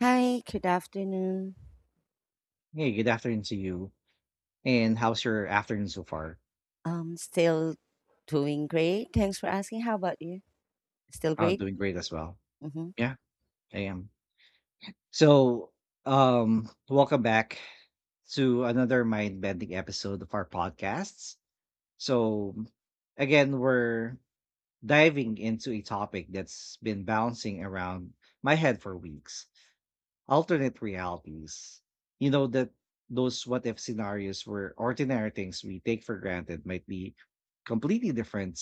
Hi, good afternoon. Hey, good afternoon to you. And how's your afternoon so far? Still doing great. Thanks for asking. How about you? Still Uh, great? doing great as well. hmm Yeah, I am. So, Welcome back to another mind bending episode of our podcasts. So, again, we're diving into a topic that's been bouncing around my head for weeks, alternate realities. You know that those what if scenarios where ordinary things we take for granted might be completely different.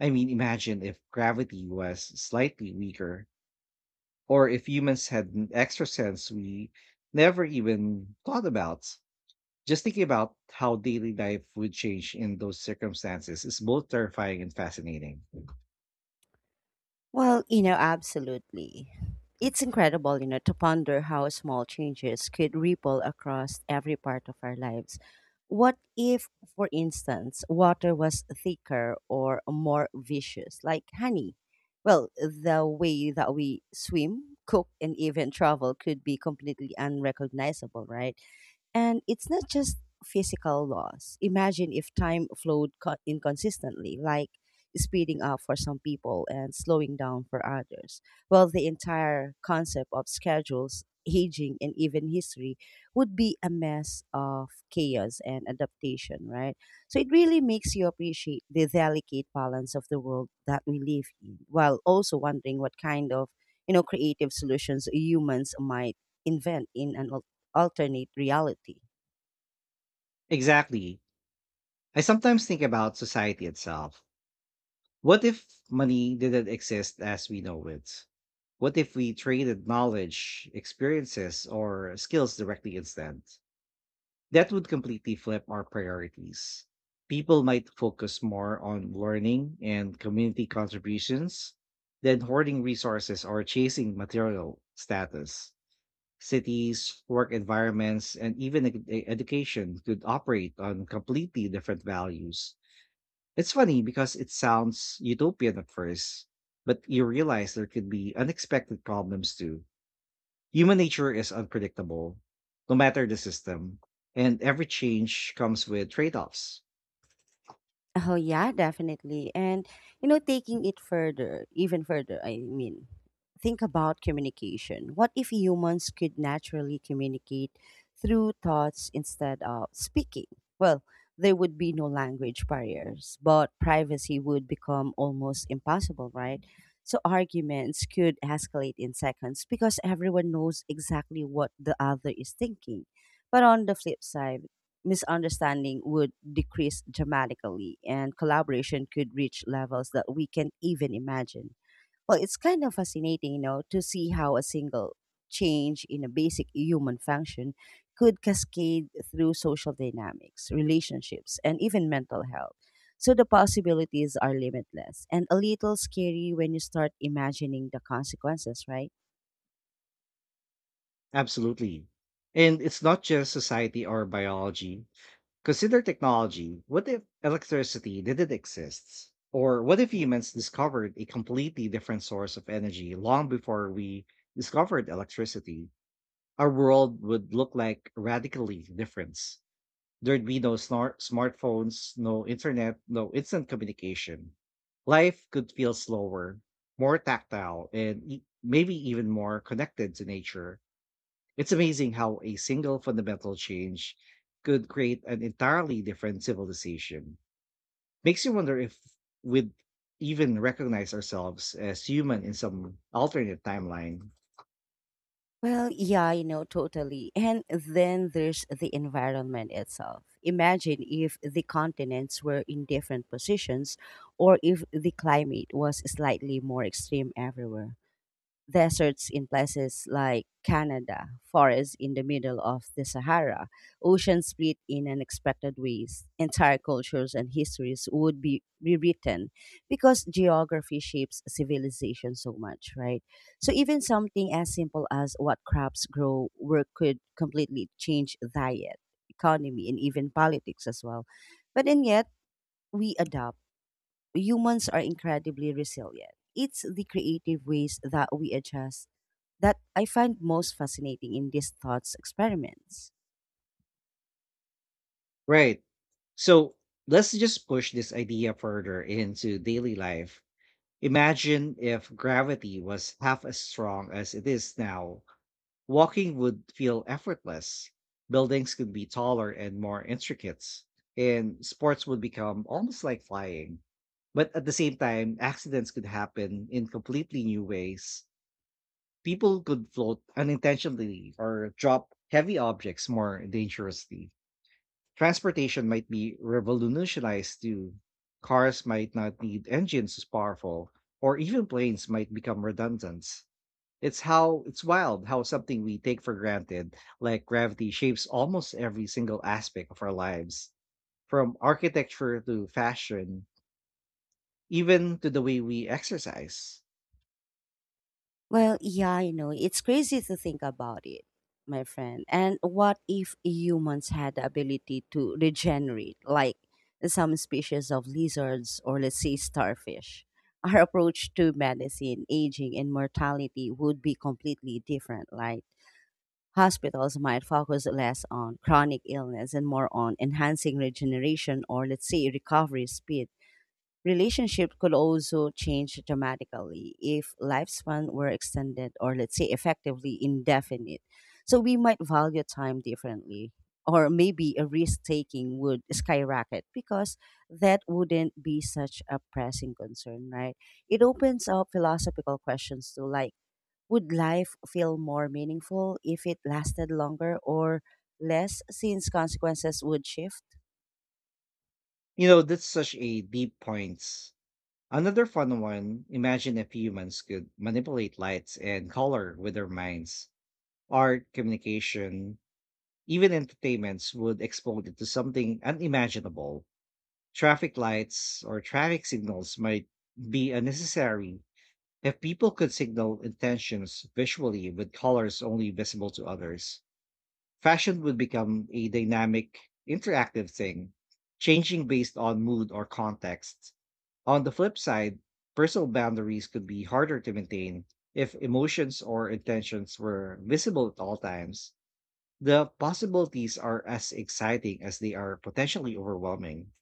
I mean, imagine if gravity was slightly weaker, or if humans had an extra sense we never even thought about. Just thinking about how daily life would change in those circumstances is both terrifying and fascinating. Well, you know, absolutely. It's incredible, you know, to ponder how small changes could ripple across every part of our lives. What if, for instance, water was thicker or more viscous, like honey? Well, the way that we swim, cook, and even travel could be completely unrecognizable, right? And it's not just physical loss. Imagine if time flowed inconsistently, like speeding up for some people and slowing down for others. Well, the entire concept of schedules, aging, and even history would be a mess of chaos and adaptation, right? So it really makes you appreciate the delicate balance of the world that we live in, while also wondering what kind of creative solutions humans might invent in an alternate reality. Exactly. I sometimes think about society itself. What if money didn't exist as we know it? What if we traded knowledge, experiences, or skills directly instead? That would completely flip our priorities. People might focus more on learning and community contributions than hoarding resources or chasing material status. Cities, work environments, and even education could operate on completely different values. It's funny because it sounds utopian at first, but you realize there could be unexpected problems too. Human nature is unpredictable, no matter the system, and every change comes with trade offs. Oh yeah, definitely. And you know, taking it further, even further, I mean, think about communication. What if humans could naturally communicate through thoughts instead of speaking? Well, there would be no language barriers, but privacy would become almost impossible, right? So arguments could escalate in seconds because everyone knows exactly what the other is thinking. But on the flip side, misunderstanding would decrease dramatically and collaboration could reach levels that we can even imagine. Well, it's kind of fascinating, you know, to see how a single change in a basic human function could cascade through social dynamics, relationships, and even mental health. So the possibilities are limitless and a little scary when you start imagining the consequences, right? Absolutely. And it's not just society or biology. Consider technology. What if electricity didn't exist? Or what if humans discovered a completely different source of energy long before we discovered electricity? Our world would look like radically different. There'd be no smartphones, no internet, no instant communication. Life could feel slower, more tactile, and maybe even more connected to nature. It's amazing how a single fundamental change could create an entirely different civilization. Makes you wonder if we'd even recognize ourselves as human in some alternate timeline. Well, yeah, you know, totally. And then there's the environment itself. Imagine if the continents were in different positions or if the climate was slightly more extreme everywhere deserts in places like Canada, forests in the middle of the Sahara, oceans split in unexpected ways, entire cultures and histories would be rewritten because geography shapes civilization so much, right? So even something as simple as what crops grow where could completely change diet, economy, and even politics as well. But and yet we adapt. Humans are incredibly resilient. It's the creative ways that we adjust that I find most fascinating in these thoughts experiments. Right. So let's just push this idea further into daily life. Imagine if gravity was half as strong as it is now. Walking would feel effortless. Buildings could be taller and more intricate. And sports would become almost like flying. But at the same time, accidents could happen in completely new ways. People could float unintentionally or drop heavy objects more dangerously. Transportation might be revolutionized too. Cars might not need engines as powerful, or even planes might become redundant. It's wild how something we take for granted, like gravity, shapes almost every single aspect of our lives, from architecture to fashion, even to the way we exercise. Well, yeah, I know. It's crazy to think about it, my friend. And what if humans had the ability to regenerate, like some species of lizards or, let's say, starfish? Our approach to medicine, aging, and mortality would be completely different, right? Hospitals might focus less on chronic illness and more on enhancing regeneration or, let's say, recovery speed. Relationships could also change dramatically if lifespan were extended or, let's say, effectively indefinite. So we might value time differently. Or maybe a risk taking would skyrocket because that wouldn't be such a pressing concern, right? It opens up philosophical questions too, like, would life feel more meaningful if it lasted longer or less since consequences would shift? You know, that's such a deep point. Another fun one, imagine if humans could manipulate lights and color with their minds: art, communication, even entertainments would explode into something unimaginable. Traffic lights or traffic signals might be unnecessary if people could signal intentions visually with colors only visible to others. Fashion would become a dynamic, interactive thing, changing based on mood or context. On the flip side, personal boundaries could be harder to maintain if emotions or intentions were visible at all times. The possibilities are as exciting as they are potentially overwhelming.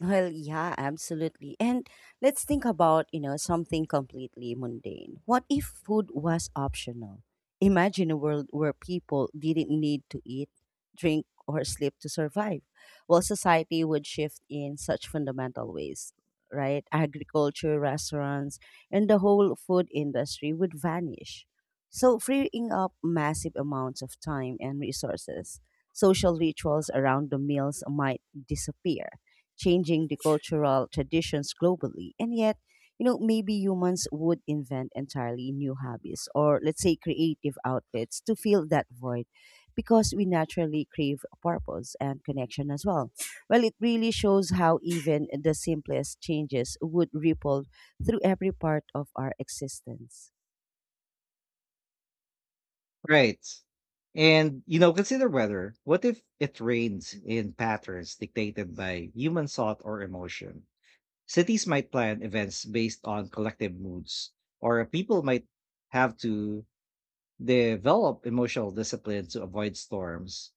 Well, yeah, absolutely. And let's think about, you know, something completely mundane. What if food was optional? Imagine a world where people didn't need to eat, drink, or sleep to survive. Well, society would shift in such fundamental ways, right? Agriculture, restaurants, and the whole food industry would vanish. So, freeing up massive amounts of time and resources, social rituals around the meals might disappear changing the cultural traditions globally. And yet, you know, maybe humans would invent entirely new hobbies or let's say creative outlets to fill that void because we naturally crave purpose and connection as well. Well, it really shows how even the simplest changes would ripple through every part of our existence. Right. And, you know, consider weather. What if it rains in patterns dictated by human thought or emotion? Cities might plan events based on collective moods, or people might have to develop emotional discipline to avoid storms.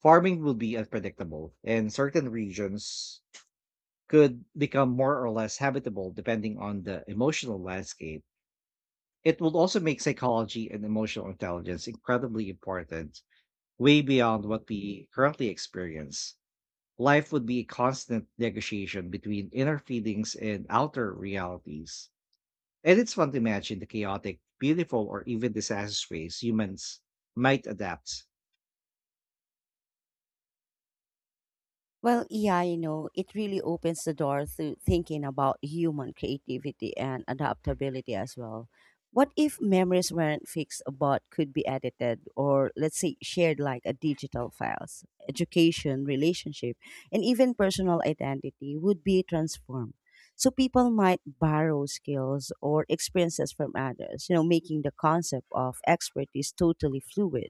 Farming will be unpredictable, and certain regions could become more or less habitable depending on the emotional landscape. It will also make psychology and emotional intelligence incredibly important, way beyond what we currently experience. Life would be a constant negotiation between inner feelings and outer realities. And it's fun to imagine the chaotic, beautiful, or even disastrous ways humans might adapt. Well, yeah, you know, it really opens the door to thinking about human creativity and adaptability as well. What if memories weren't fixed but could be edited or, let's say, shared like a digital files? Education, relationship, and even personal identity would be transformed. So people might borrow skills or experiences from others, you know, making the concept of expertise totally fluid.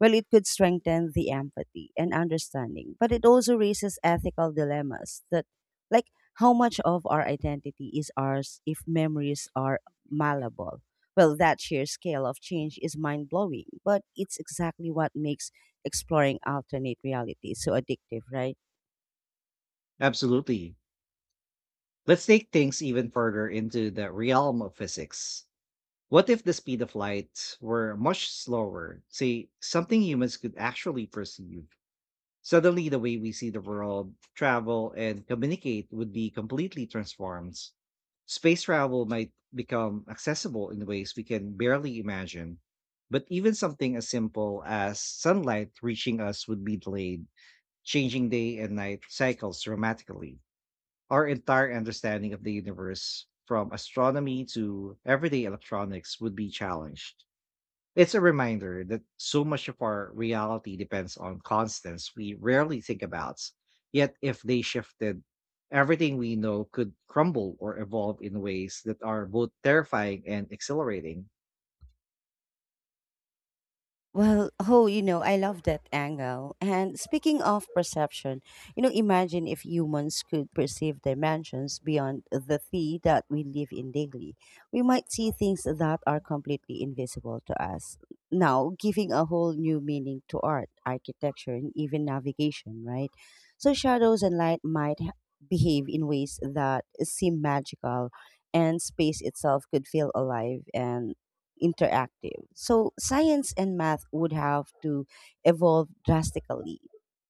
Well, it could strengthen the empathy and understanding, but it also raises ethical dilemmas that, like, how much of our identity is ours if memories are malleable? Well, that sheer scale of change is mind blowing, but it's exactly what makes exploring alternate realities so addictive, right? Absolutely. Let's take things even further into the realm of physics. What if the speed of light were much slower, say something humans could actually perceive? Suddenly, the way we see the world, travel, and communicate would be completely transformed. Space travel might become accessible in ways we can barely imagine. But even something as simple as sunlight reaching us would be delayed, changing day and night cycles dramatically. Our entire understanding of the universe, from astronomy to everyday electronics, would be challenged. It's a reminder that so much of our reality depends on constants we rarely think about. Yet, if they shifted, everything we know could crumble or evolve in ways that are both terrifying and exhilarating. Well, oh, you know, I love that angle. And speaking of perception, you know, imagine if humans could perceive dimensions beyond the three that we live in daily. We might see things that are completely invisible to us. Now, giving a whole new meaning to art, architecture, and even navigation, right? So, shadows and light might behave in ways that seem magical, and space itself could feel alive and interactive. So science and math would have to evolve drastically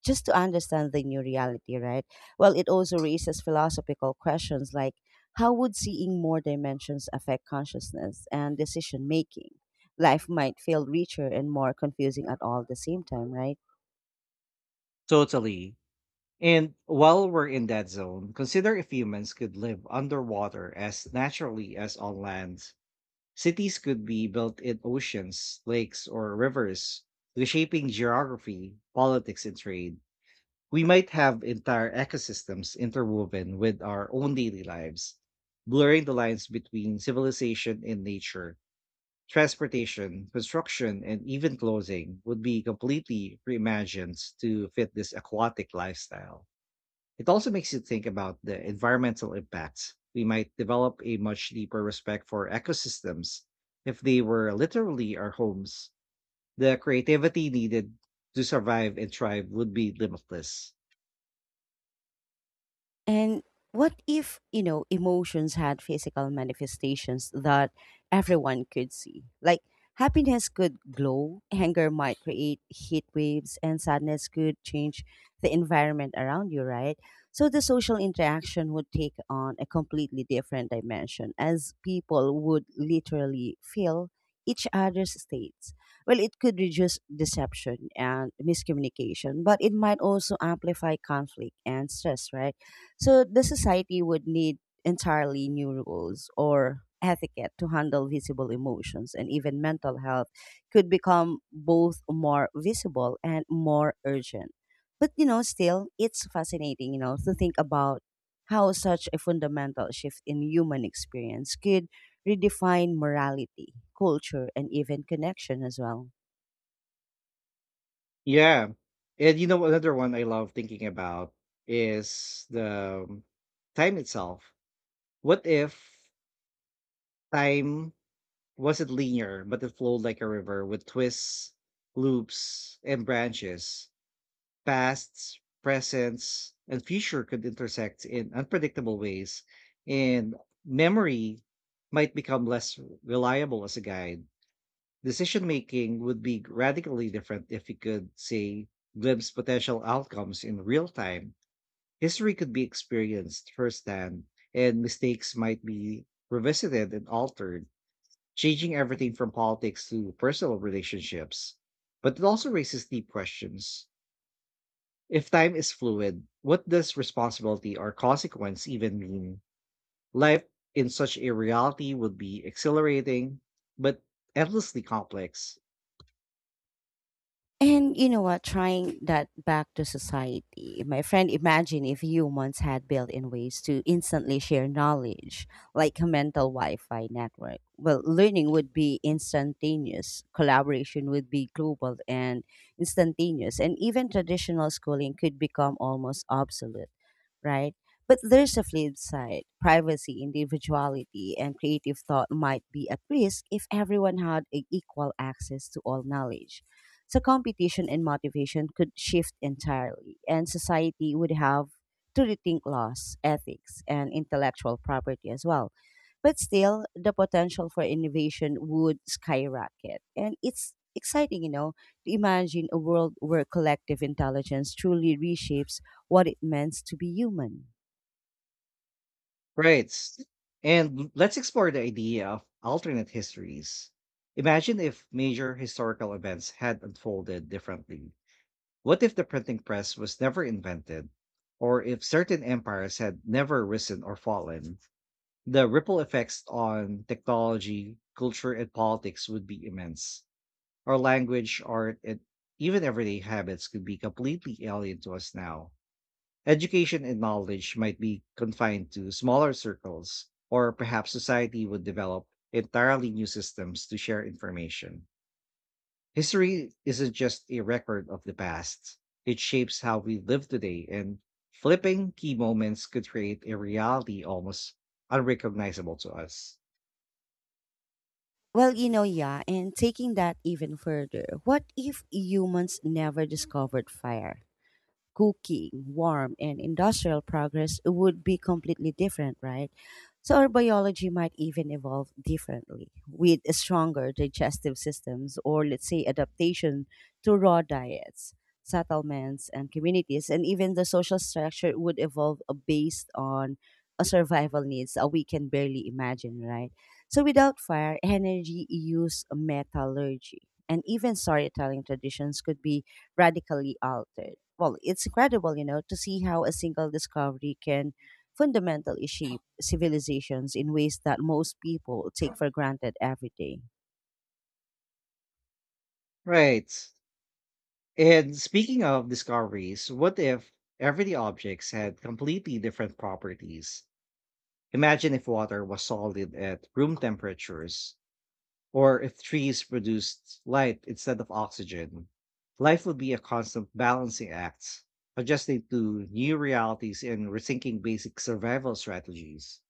just to understand the new reality, right? Well, it also raises philosophical questions like how would seeing more dimensions affect consciousness and decision making? Life might feel richer and more confusing at all the same time, right? Totally. And while we're in that zone, consider if humans could live underwater as naturally as on land. Cities could be built in oceans, lakes, or rivers, reshaping geography, politics, and trade. We might have entire ecosystems interwoven with our own daily lives, blurring the lines between civilization and nature. Transportation, construction, and even clothing would be completely reimagined to fit this aquatic lifestyle. It also makes you think about the environmental impacts. We might develop a much deeper respect for ecosystems if they were literally our homes. The creativity needed to survive and thrive would be limitless. And what if, you know, emotions had physical manifestations that everyone could see? Like happiness could glow, anger might create heat waves, and sadness could change the environment around you, right? So the social interaction would take on a completely different dimension as people would literally feel each other's states. Well, it could reduce deception and miscommunication, but it might also amplify conflict and stress, right? So the society would need entirely new rules or etiquette to handle visible emotions and even mental health could become both more visible and more urgent. But you know, still it's fascinating, you know, to think about how such a fundamental shift in human experience could redefine morality, culture, and even connection as well. Yeah. And you know another one I love thinking about is the time itself. What if time wasn't linear, but it flowed like a river with twists, loops, and branches? Pasts, presents, and future could intersect in unpredictable ways, and memory might become less reliable as a guide. Decision making would be radically different if we could, say, glimpse potential outcomes in real time. History could be experienced firsthand, and mistakes might be revisited and altered, changing everything from politics to personal relationships. But it also raises deep questions. If time is fluid, what does responsibility or consequence even mean? Life in such a reality would be exhilarating, but endlessly complex. And you know what? Trying that back to society. My friend, imagine if humans had built in ways to instantly share knowledge, like a mental Wi Fi network. Well, learning would be instantaneous, collaboration would be global and instantaneous, and even traditional schooling could become almost obsolete right? But there's a flip side. Privacy, individuality, and creative thought might be at risk if everyone had equal access to all knowledge. So competition and motivation could shift entirely, and society would have to rethink laws, ethics, and intellectual property as well. But still, the potential for innovation would skyrocket. And it's exciting, you know, to imagine a world where collective intelligence truly reshapes what it means to be human. Right. And let's explore the idea of alternate histories. Imagine if major historical events had unfolded differently. What if the printing press was never invented? Or if certain empires had never risen or fallen? The ripple effects on technology, culture, and politics would be immense. Our language, art, and even everyday habits could be completely alien to us now. Education and knowledge might be confined to smaller circles, or perhaps society would develop entirely new systems to share information. History isn't just a record of the past, it shapes how we live today, and flipping key moments could create a reality almost unrecognizable to us. Well, you know, yeah, and taking that even further, what if humans never discovered fire? Cooking, warm, and industrial progress would be completely different, right? So our biology might even evolve differently with stronger digestive systems or, let's say, adaptation to raw diets, settlements, and communities. And even the social structure would evolve based on a survival needs we can barely imagine, right? So without fire, energy use, metallurgy, and even storytelling traditions could be radically altered. Well, it's incredible, you know, to see how a single discovery can fundamentally shape civilizations in ways that most people take for granted every day. Right. And speaking of discoveries, what if everyday objects had completely different properties? Imagine if water was solid at room temperatures, or if trees produced light instead of oxygen. Life would be a constant balancing act, adjusting to new realities and rethinking basic survival strategies.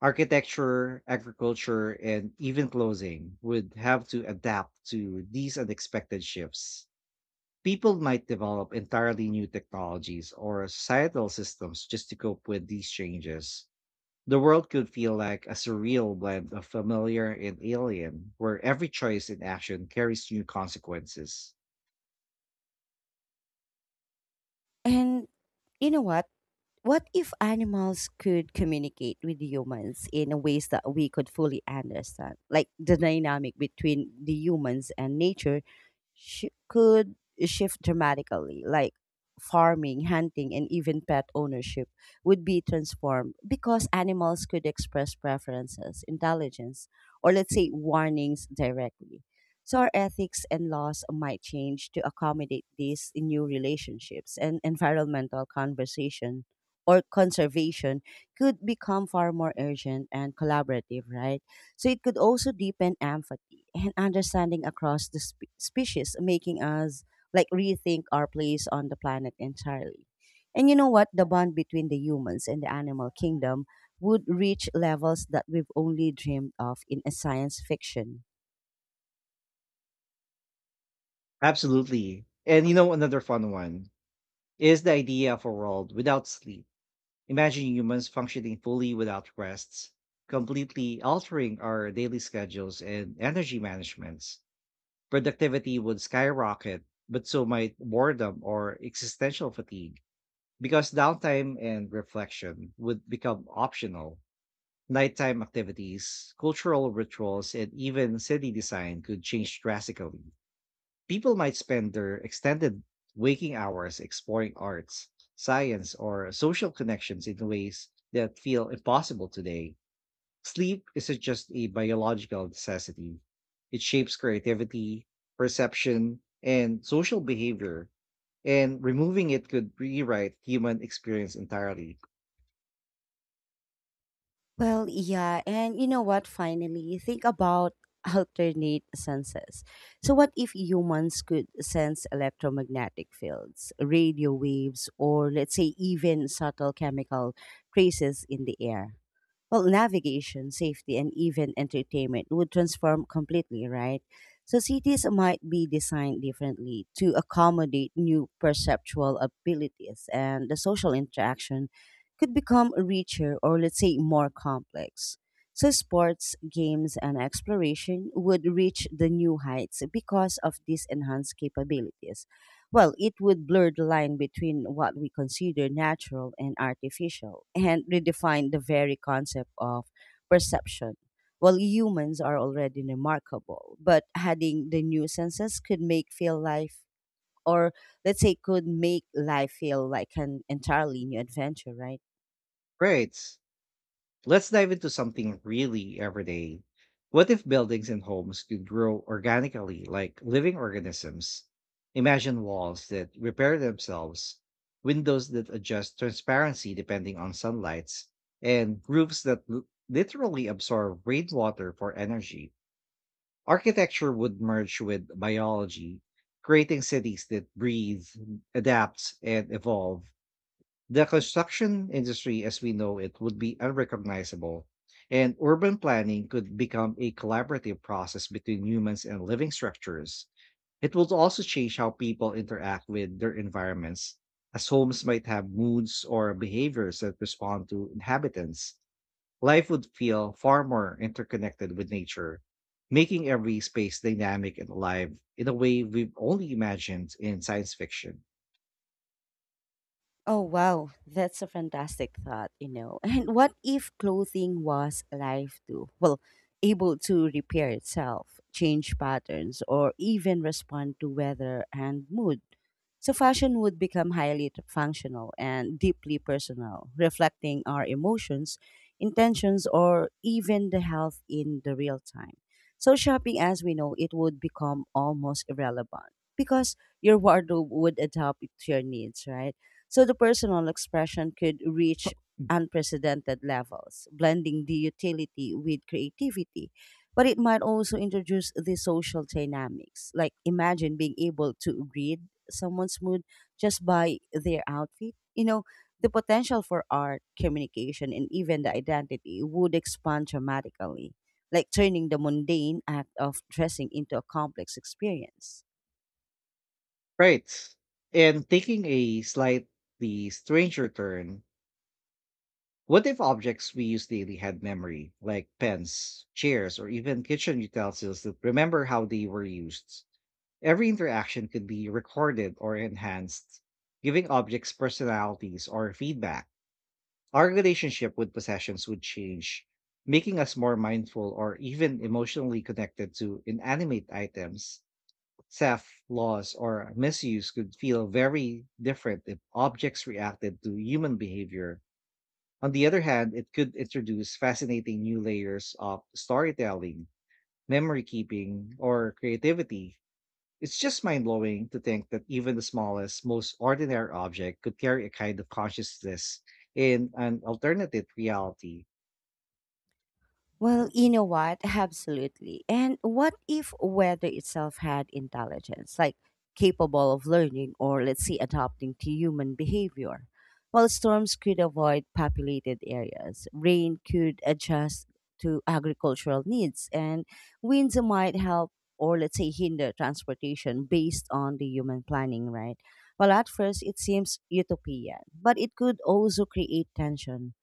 Architecture, agriculture, and even clothing would have to adapt to these unexpected shifts. People might develop entirely new technologies or societal systems just to cope with these changes. The world could feel like a surreal blend of familiar and alien, where every choice and action carries new consequences. And you know what? What if animals could communicate with humans in ways that we could fully understand? Like the dynamic between the humans and nature could shift dramatically, like farming, hunting, and even pet ownership would be transformed because animals could express preferences, intelligence, or let's say warnings directly. So our ethics and laws might change to accommodate these new relationships and environmental conversation or conservation could become far more urgent and collaborative, right? So it could also deepen empathy and understanding across the species, making us like rethink our place on the planet entirely. And you know what? The bond between the humans and the animal kingdom would reach levels that we've only dreamed of in a science fiction. Absolutely. And you know, another fun one is the idea of a world without sleep. Imagine humans functioning fully without rests, completely altering our daily schedules and energy managements. Productivity would skyrocket, but so might boredom or existential fatigue, because downtime and reflection would become optional. Nighttime activities, cultural rituals, and even city design could change drastically. People might spend their extended waking hours exploring arts, science, or social connections in ways that feel impossible today. Sleep isn't just a biological necessity, it shapes creativity, perception, and social behavior, and removing it could rewrite human experience entirely. Well, yeah, and you know what? Finally, think about alternate senses. So, what if humans could sense electromagnetic fields, radio waves, or let's say even subtle chemical traces in the air? Well, navigation, safety, and even entertainment would transform completely, right? So cities might be designed differently to accommodate new perceptual abilities, and the social interaction could become richer or, let's say, more complex. So sports, games, and exploration would reach the new heights because of these enhanced capabilities well, it would blur the line between what we consider natural and artificial and redefine the very concept of perception. Well, humans are already remarkable, but adding the new senses could make feel life, or let's say, could make life feel like an entirely new adventure, right? Right. Let's dive into something really everyday. What if buildings and homes could grow organically like living organisms? Imagine walls that repair themselves, windows that adjust transparency depending on sunlights, and roofs that literally absorb rainwater for energy. Architecture would merge with biology, creating cities that breathe, adapt, and evolve. The construction industry as we know it would be unrecognizable, and urban planning could become a collaborative process between humans and living structures. It would also change how people interact with their environments, as homes might have moods or behaviors that respond to inhabitants. Life would feel far more interconnected with nature, making every space dynamic and alive in a way we've only imagined in science fiction. Oh, wow. That's a fantastic thought, you know. And what if clothing was alive too? Well, able to repair itself, change patterns, or even respond to weather and mood. So, fashion would become highly functional and deeply personal, reflecting our emotions, intentions, or even the health in the real time. So, shopping as we know it would become almost irrelevant because your wardrobe would adapt to your needs, right? So the personal expression could reach unprecedented levels, blending the utility with creativity. But it might also introduce the social dynamics. Like imagine being able to read someone's mood just by their outfit. You know, the potential for art, communication, and even the identity would expand dramatically, like turning the mundane act of dressing into a complex experience. Right. And taking a slightly stranger turn, what if objects we use daily had memory, like pens, chairs, or even kitchen utensils that remember how they were used? Every interaction could be recorded or enhanced, giving objects personalities or feedback. Our relationship with possessions would change, making us more mindful or even emotionally connected to inanimate items. Theft, loss, or misuse could feel very different if objects reacted to human behavior. On the other hand, it could introduce fascinating new layers of storytelling, memory keeping, or creativity. It's just mind blowing to think that even the smallest, most ordinary object could carry a kind of consciousness in an alternative reality. Well, you know what? Absolutely. And what if weather itself had intelligence, like capable of learning or, let's say, adapting to human behavior? Well, storms could avoid populated areas, rain could adjust to agricultural needs, and winds might help or, let's say, hinder transportation based on the human planning, right? Well, at first, it seems utopian, but it could also create tension.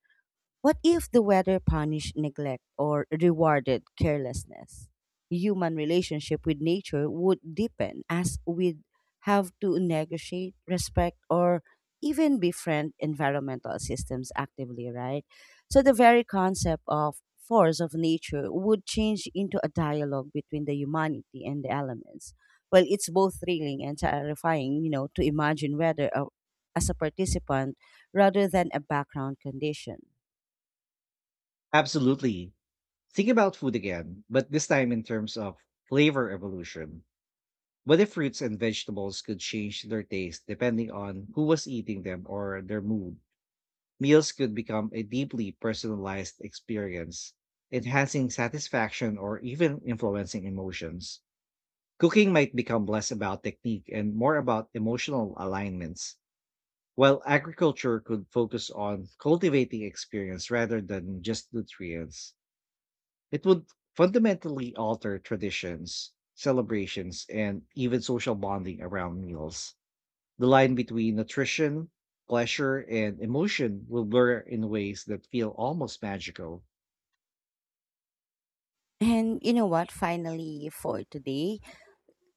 What if the weather punished neglect or rewarded carelessness? Human relationship with nature would deepen as we'd have to negotiate, respect, or even befriend environmental systems actively, right? So the very concept of force of nature would change into a dialogue between the humanity and the elements. Well, it's both thrilling and terrifying, you know, to imagine weather as a participant rather than a background condition. Absolutely. Think about food again, but this time in terms of flavor evolution. What if fruits and vegetables could change their taste depending on who was eating them or their mood? Meals could become a deeply personalized experience, enhancing satisfaction or even influencing emotions. Cooking might become less about technique and more about emotional alignments, while agriculture could focus on cultivating experience rather than just nutrients. It would fundamentally alter traditions, celebrations, and even social bonding around meals. The line between nutrition, pleasure, and emotion will blur in ways that feel almost magical. And you know what? Finally, for today,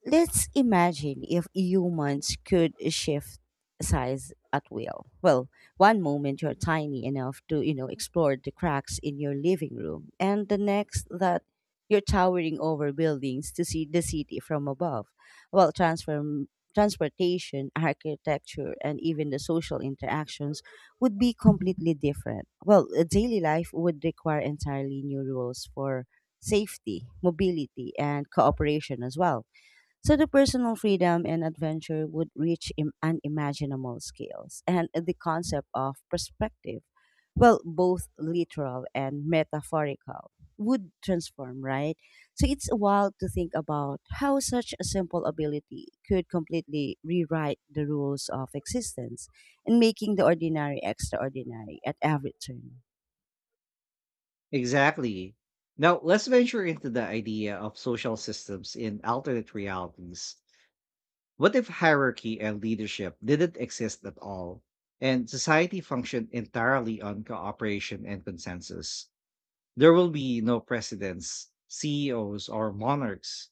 let's imagine if humans could shift size at will. Well, one moment you're tiny enough to, you know, explore the cracks in your living room, and the next that you're towering over buildings to see the city from above. Well, transform transportation, architecture, and even the social interactions would be completely different. Well, daily life would require entirely new rules for safety, mobility, and cooperation as well, so the personal freedom and adventure would reach unimaginable scales, and the concept of perspective, well, both literal and metaphorical, would transform, right? So it's wild to think about how such a simple ability could completely rewrite the rules of existence and making the ordinary extraordinary at every turn. Exactly. Now, let's venture into the idea of social systems in alternate realities. What if hierarchy and leadership didn't exist at all, and society functioned entirely on cooperation and consensus? There will be no presidents, CEOs, or monarchs.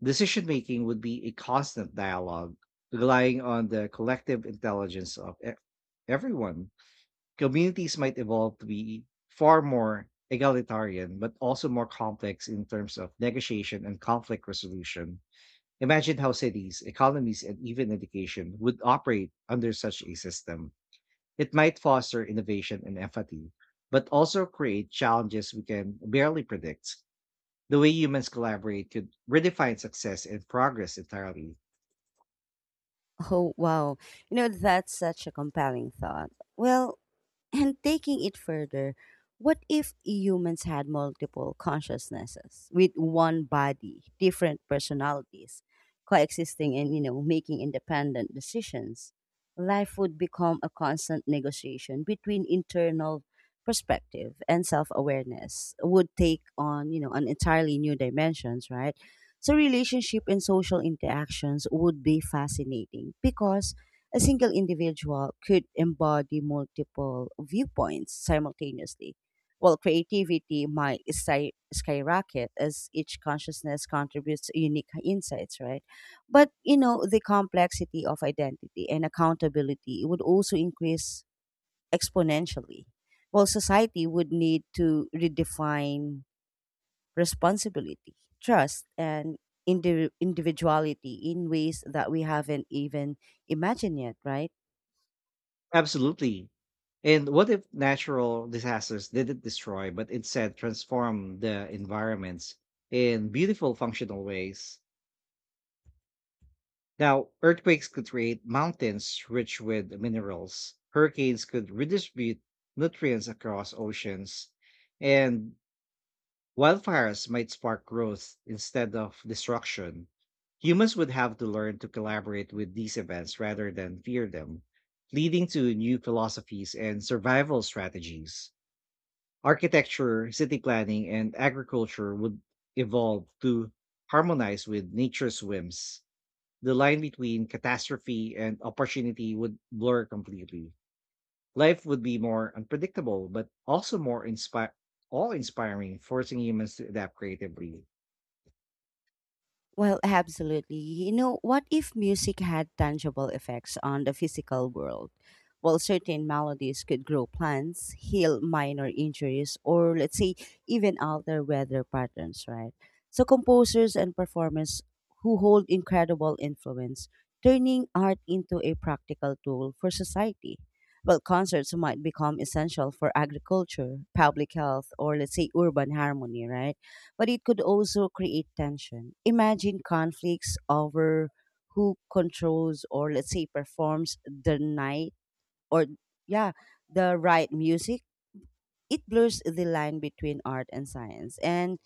Decision making would be a constant dialogue, relying on the collective intelligence of everyone. Communities might evolve to be far more egalitarian, but also more complex in terms of negotiation and conflict resolution. Imagine how cities, economies, and even education would operate under such a system. It might foster innovation and empathy, but also create challenges we can barely predict. The way humans collaborate could redefine success and progress entirely. Oh, wow. You know, that's such a compelling thought. Well, and taking it further, what if humans had multiple consciousnesses with one body, different personalities, coexisting and you know making independent decisions? Life would become a constant negotiation between internal perspective, and self-awareness would take on you know an entirely new dimensions, right? So relationship and social interactions would be fascinating because a single individual could embody multiple viewpoints simultaneously, while creativity might skyrocket as each consciousness contributes unique insights, right? But, you know, the complexity of identity and accountability would also increase exponentially, while society would need to redefine responsibility, trust, and individuality in ways that we haven't even imagined yet, right? Absolutely. And what if natural disasters didn't destroy, but instead transform the environments in beautiful, functional ways? Now, earthquakes could create mountains rich with minerals, hurricanes could redistribute nutrients across oceans, and wildfires might spark growth instead of destruction. Humans would have to learn to collaborate with these events rather than fear them, leading to new philosophies and survival strategies. Architecture, city planning, and agriculture would evolve to harmonize with nature's whims. The line between catastrophe and opportunity would blur completely. Life would be more unpredictable, but also more inspiring, all inspiring, forcing humans to adapt creatively. Well, absolutely. You know, what if music had tangible effects on the physical world? Well, certain melodies could grow plants, heal minor injuries, or let's say, even alter weather patterns, right? So, composers and performers who hold incredible influence, turning art into a practical tool for society. Well, concerts might become essential for agriculture, public health, or let's say, urban harmony, right? But it could also create tension. Imagine conflicts over who controls or let's say performs the night or yeah, the right music. It blurs the line between art and science and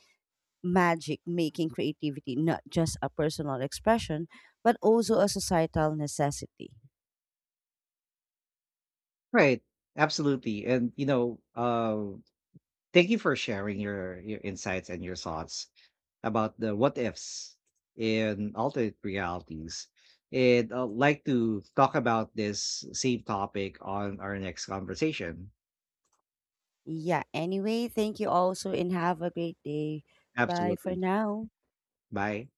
magic, making creativity not just a personal expression, but also a societal necessity. Right. Absolutely. And you know, thank you for sharing your insights and your thoughts about the what ifs in alternate realities. And I'd like to talk about this same topic on our next conversation. Yeah, anyway, thank you also and have a great day. Bye for Absolutely. now. Bye.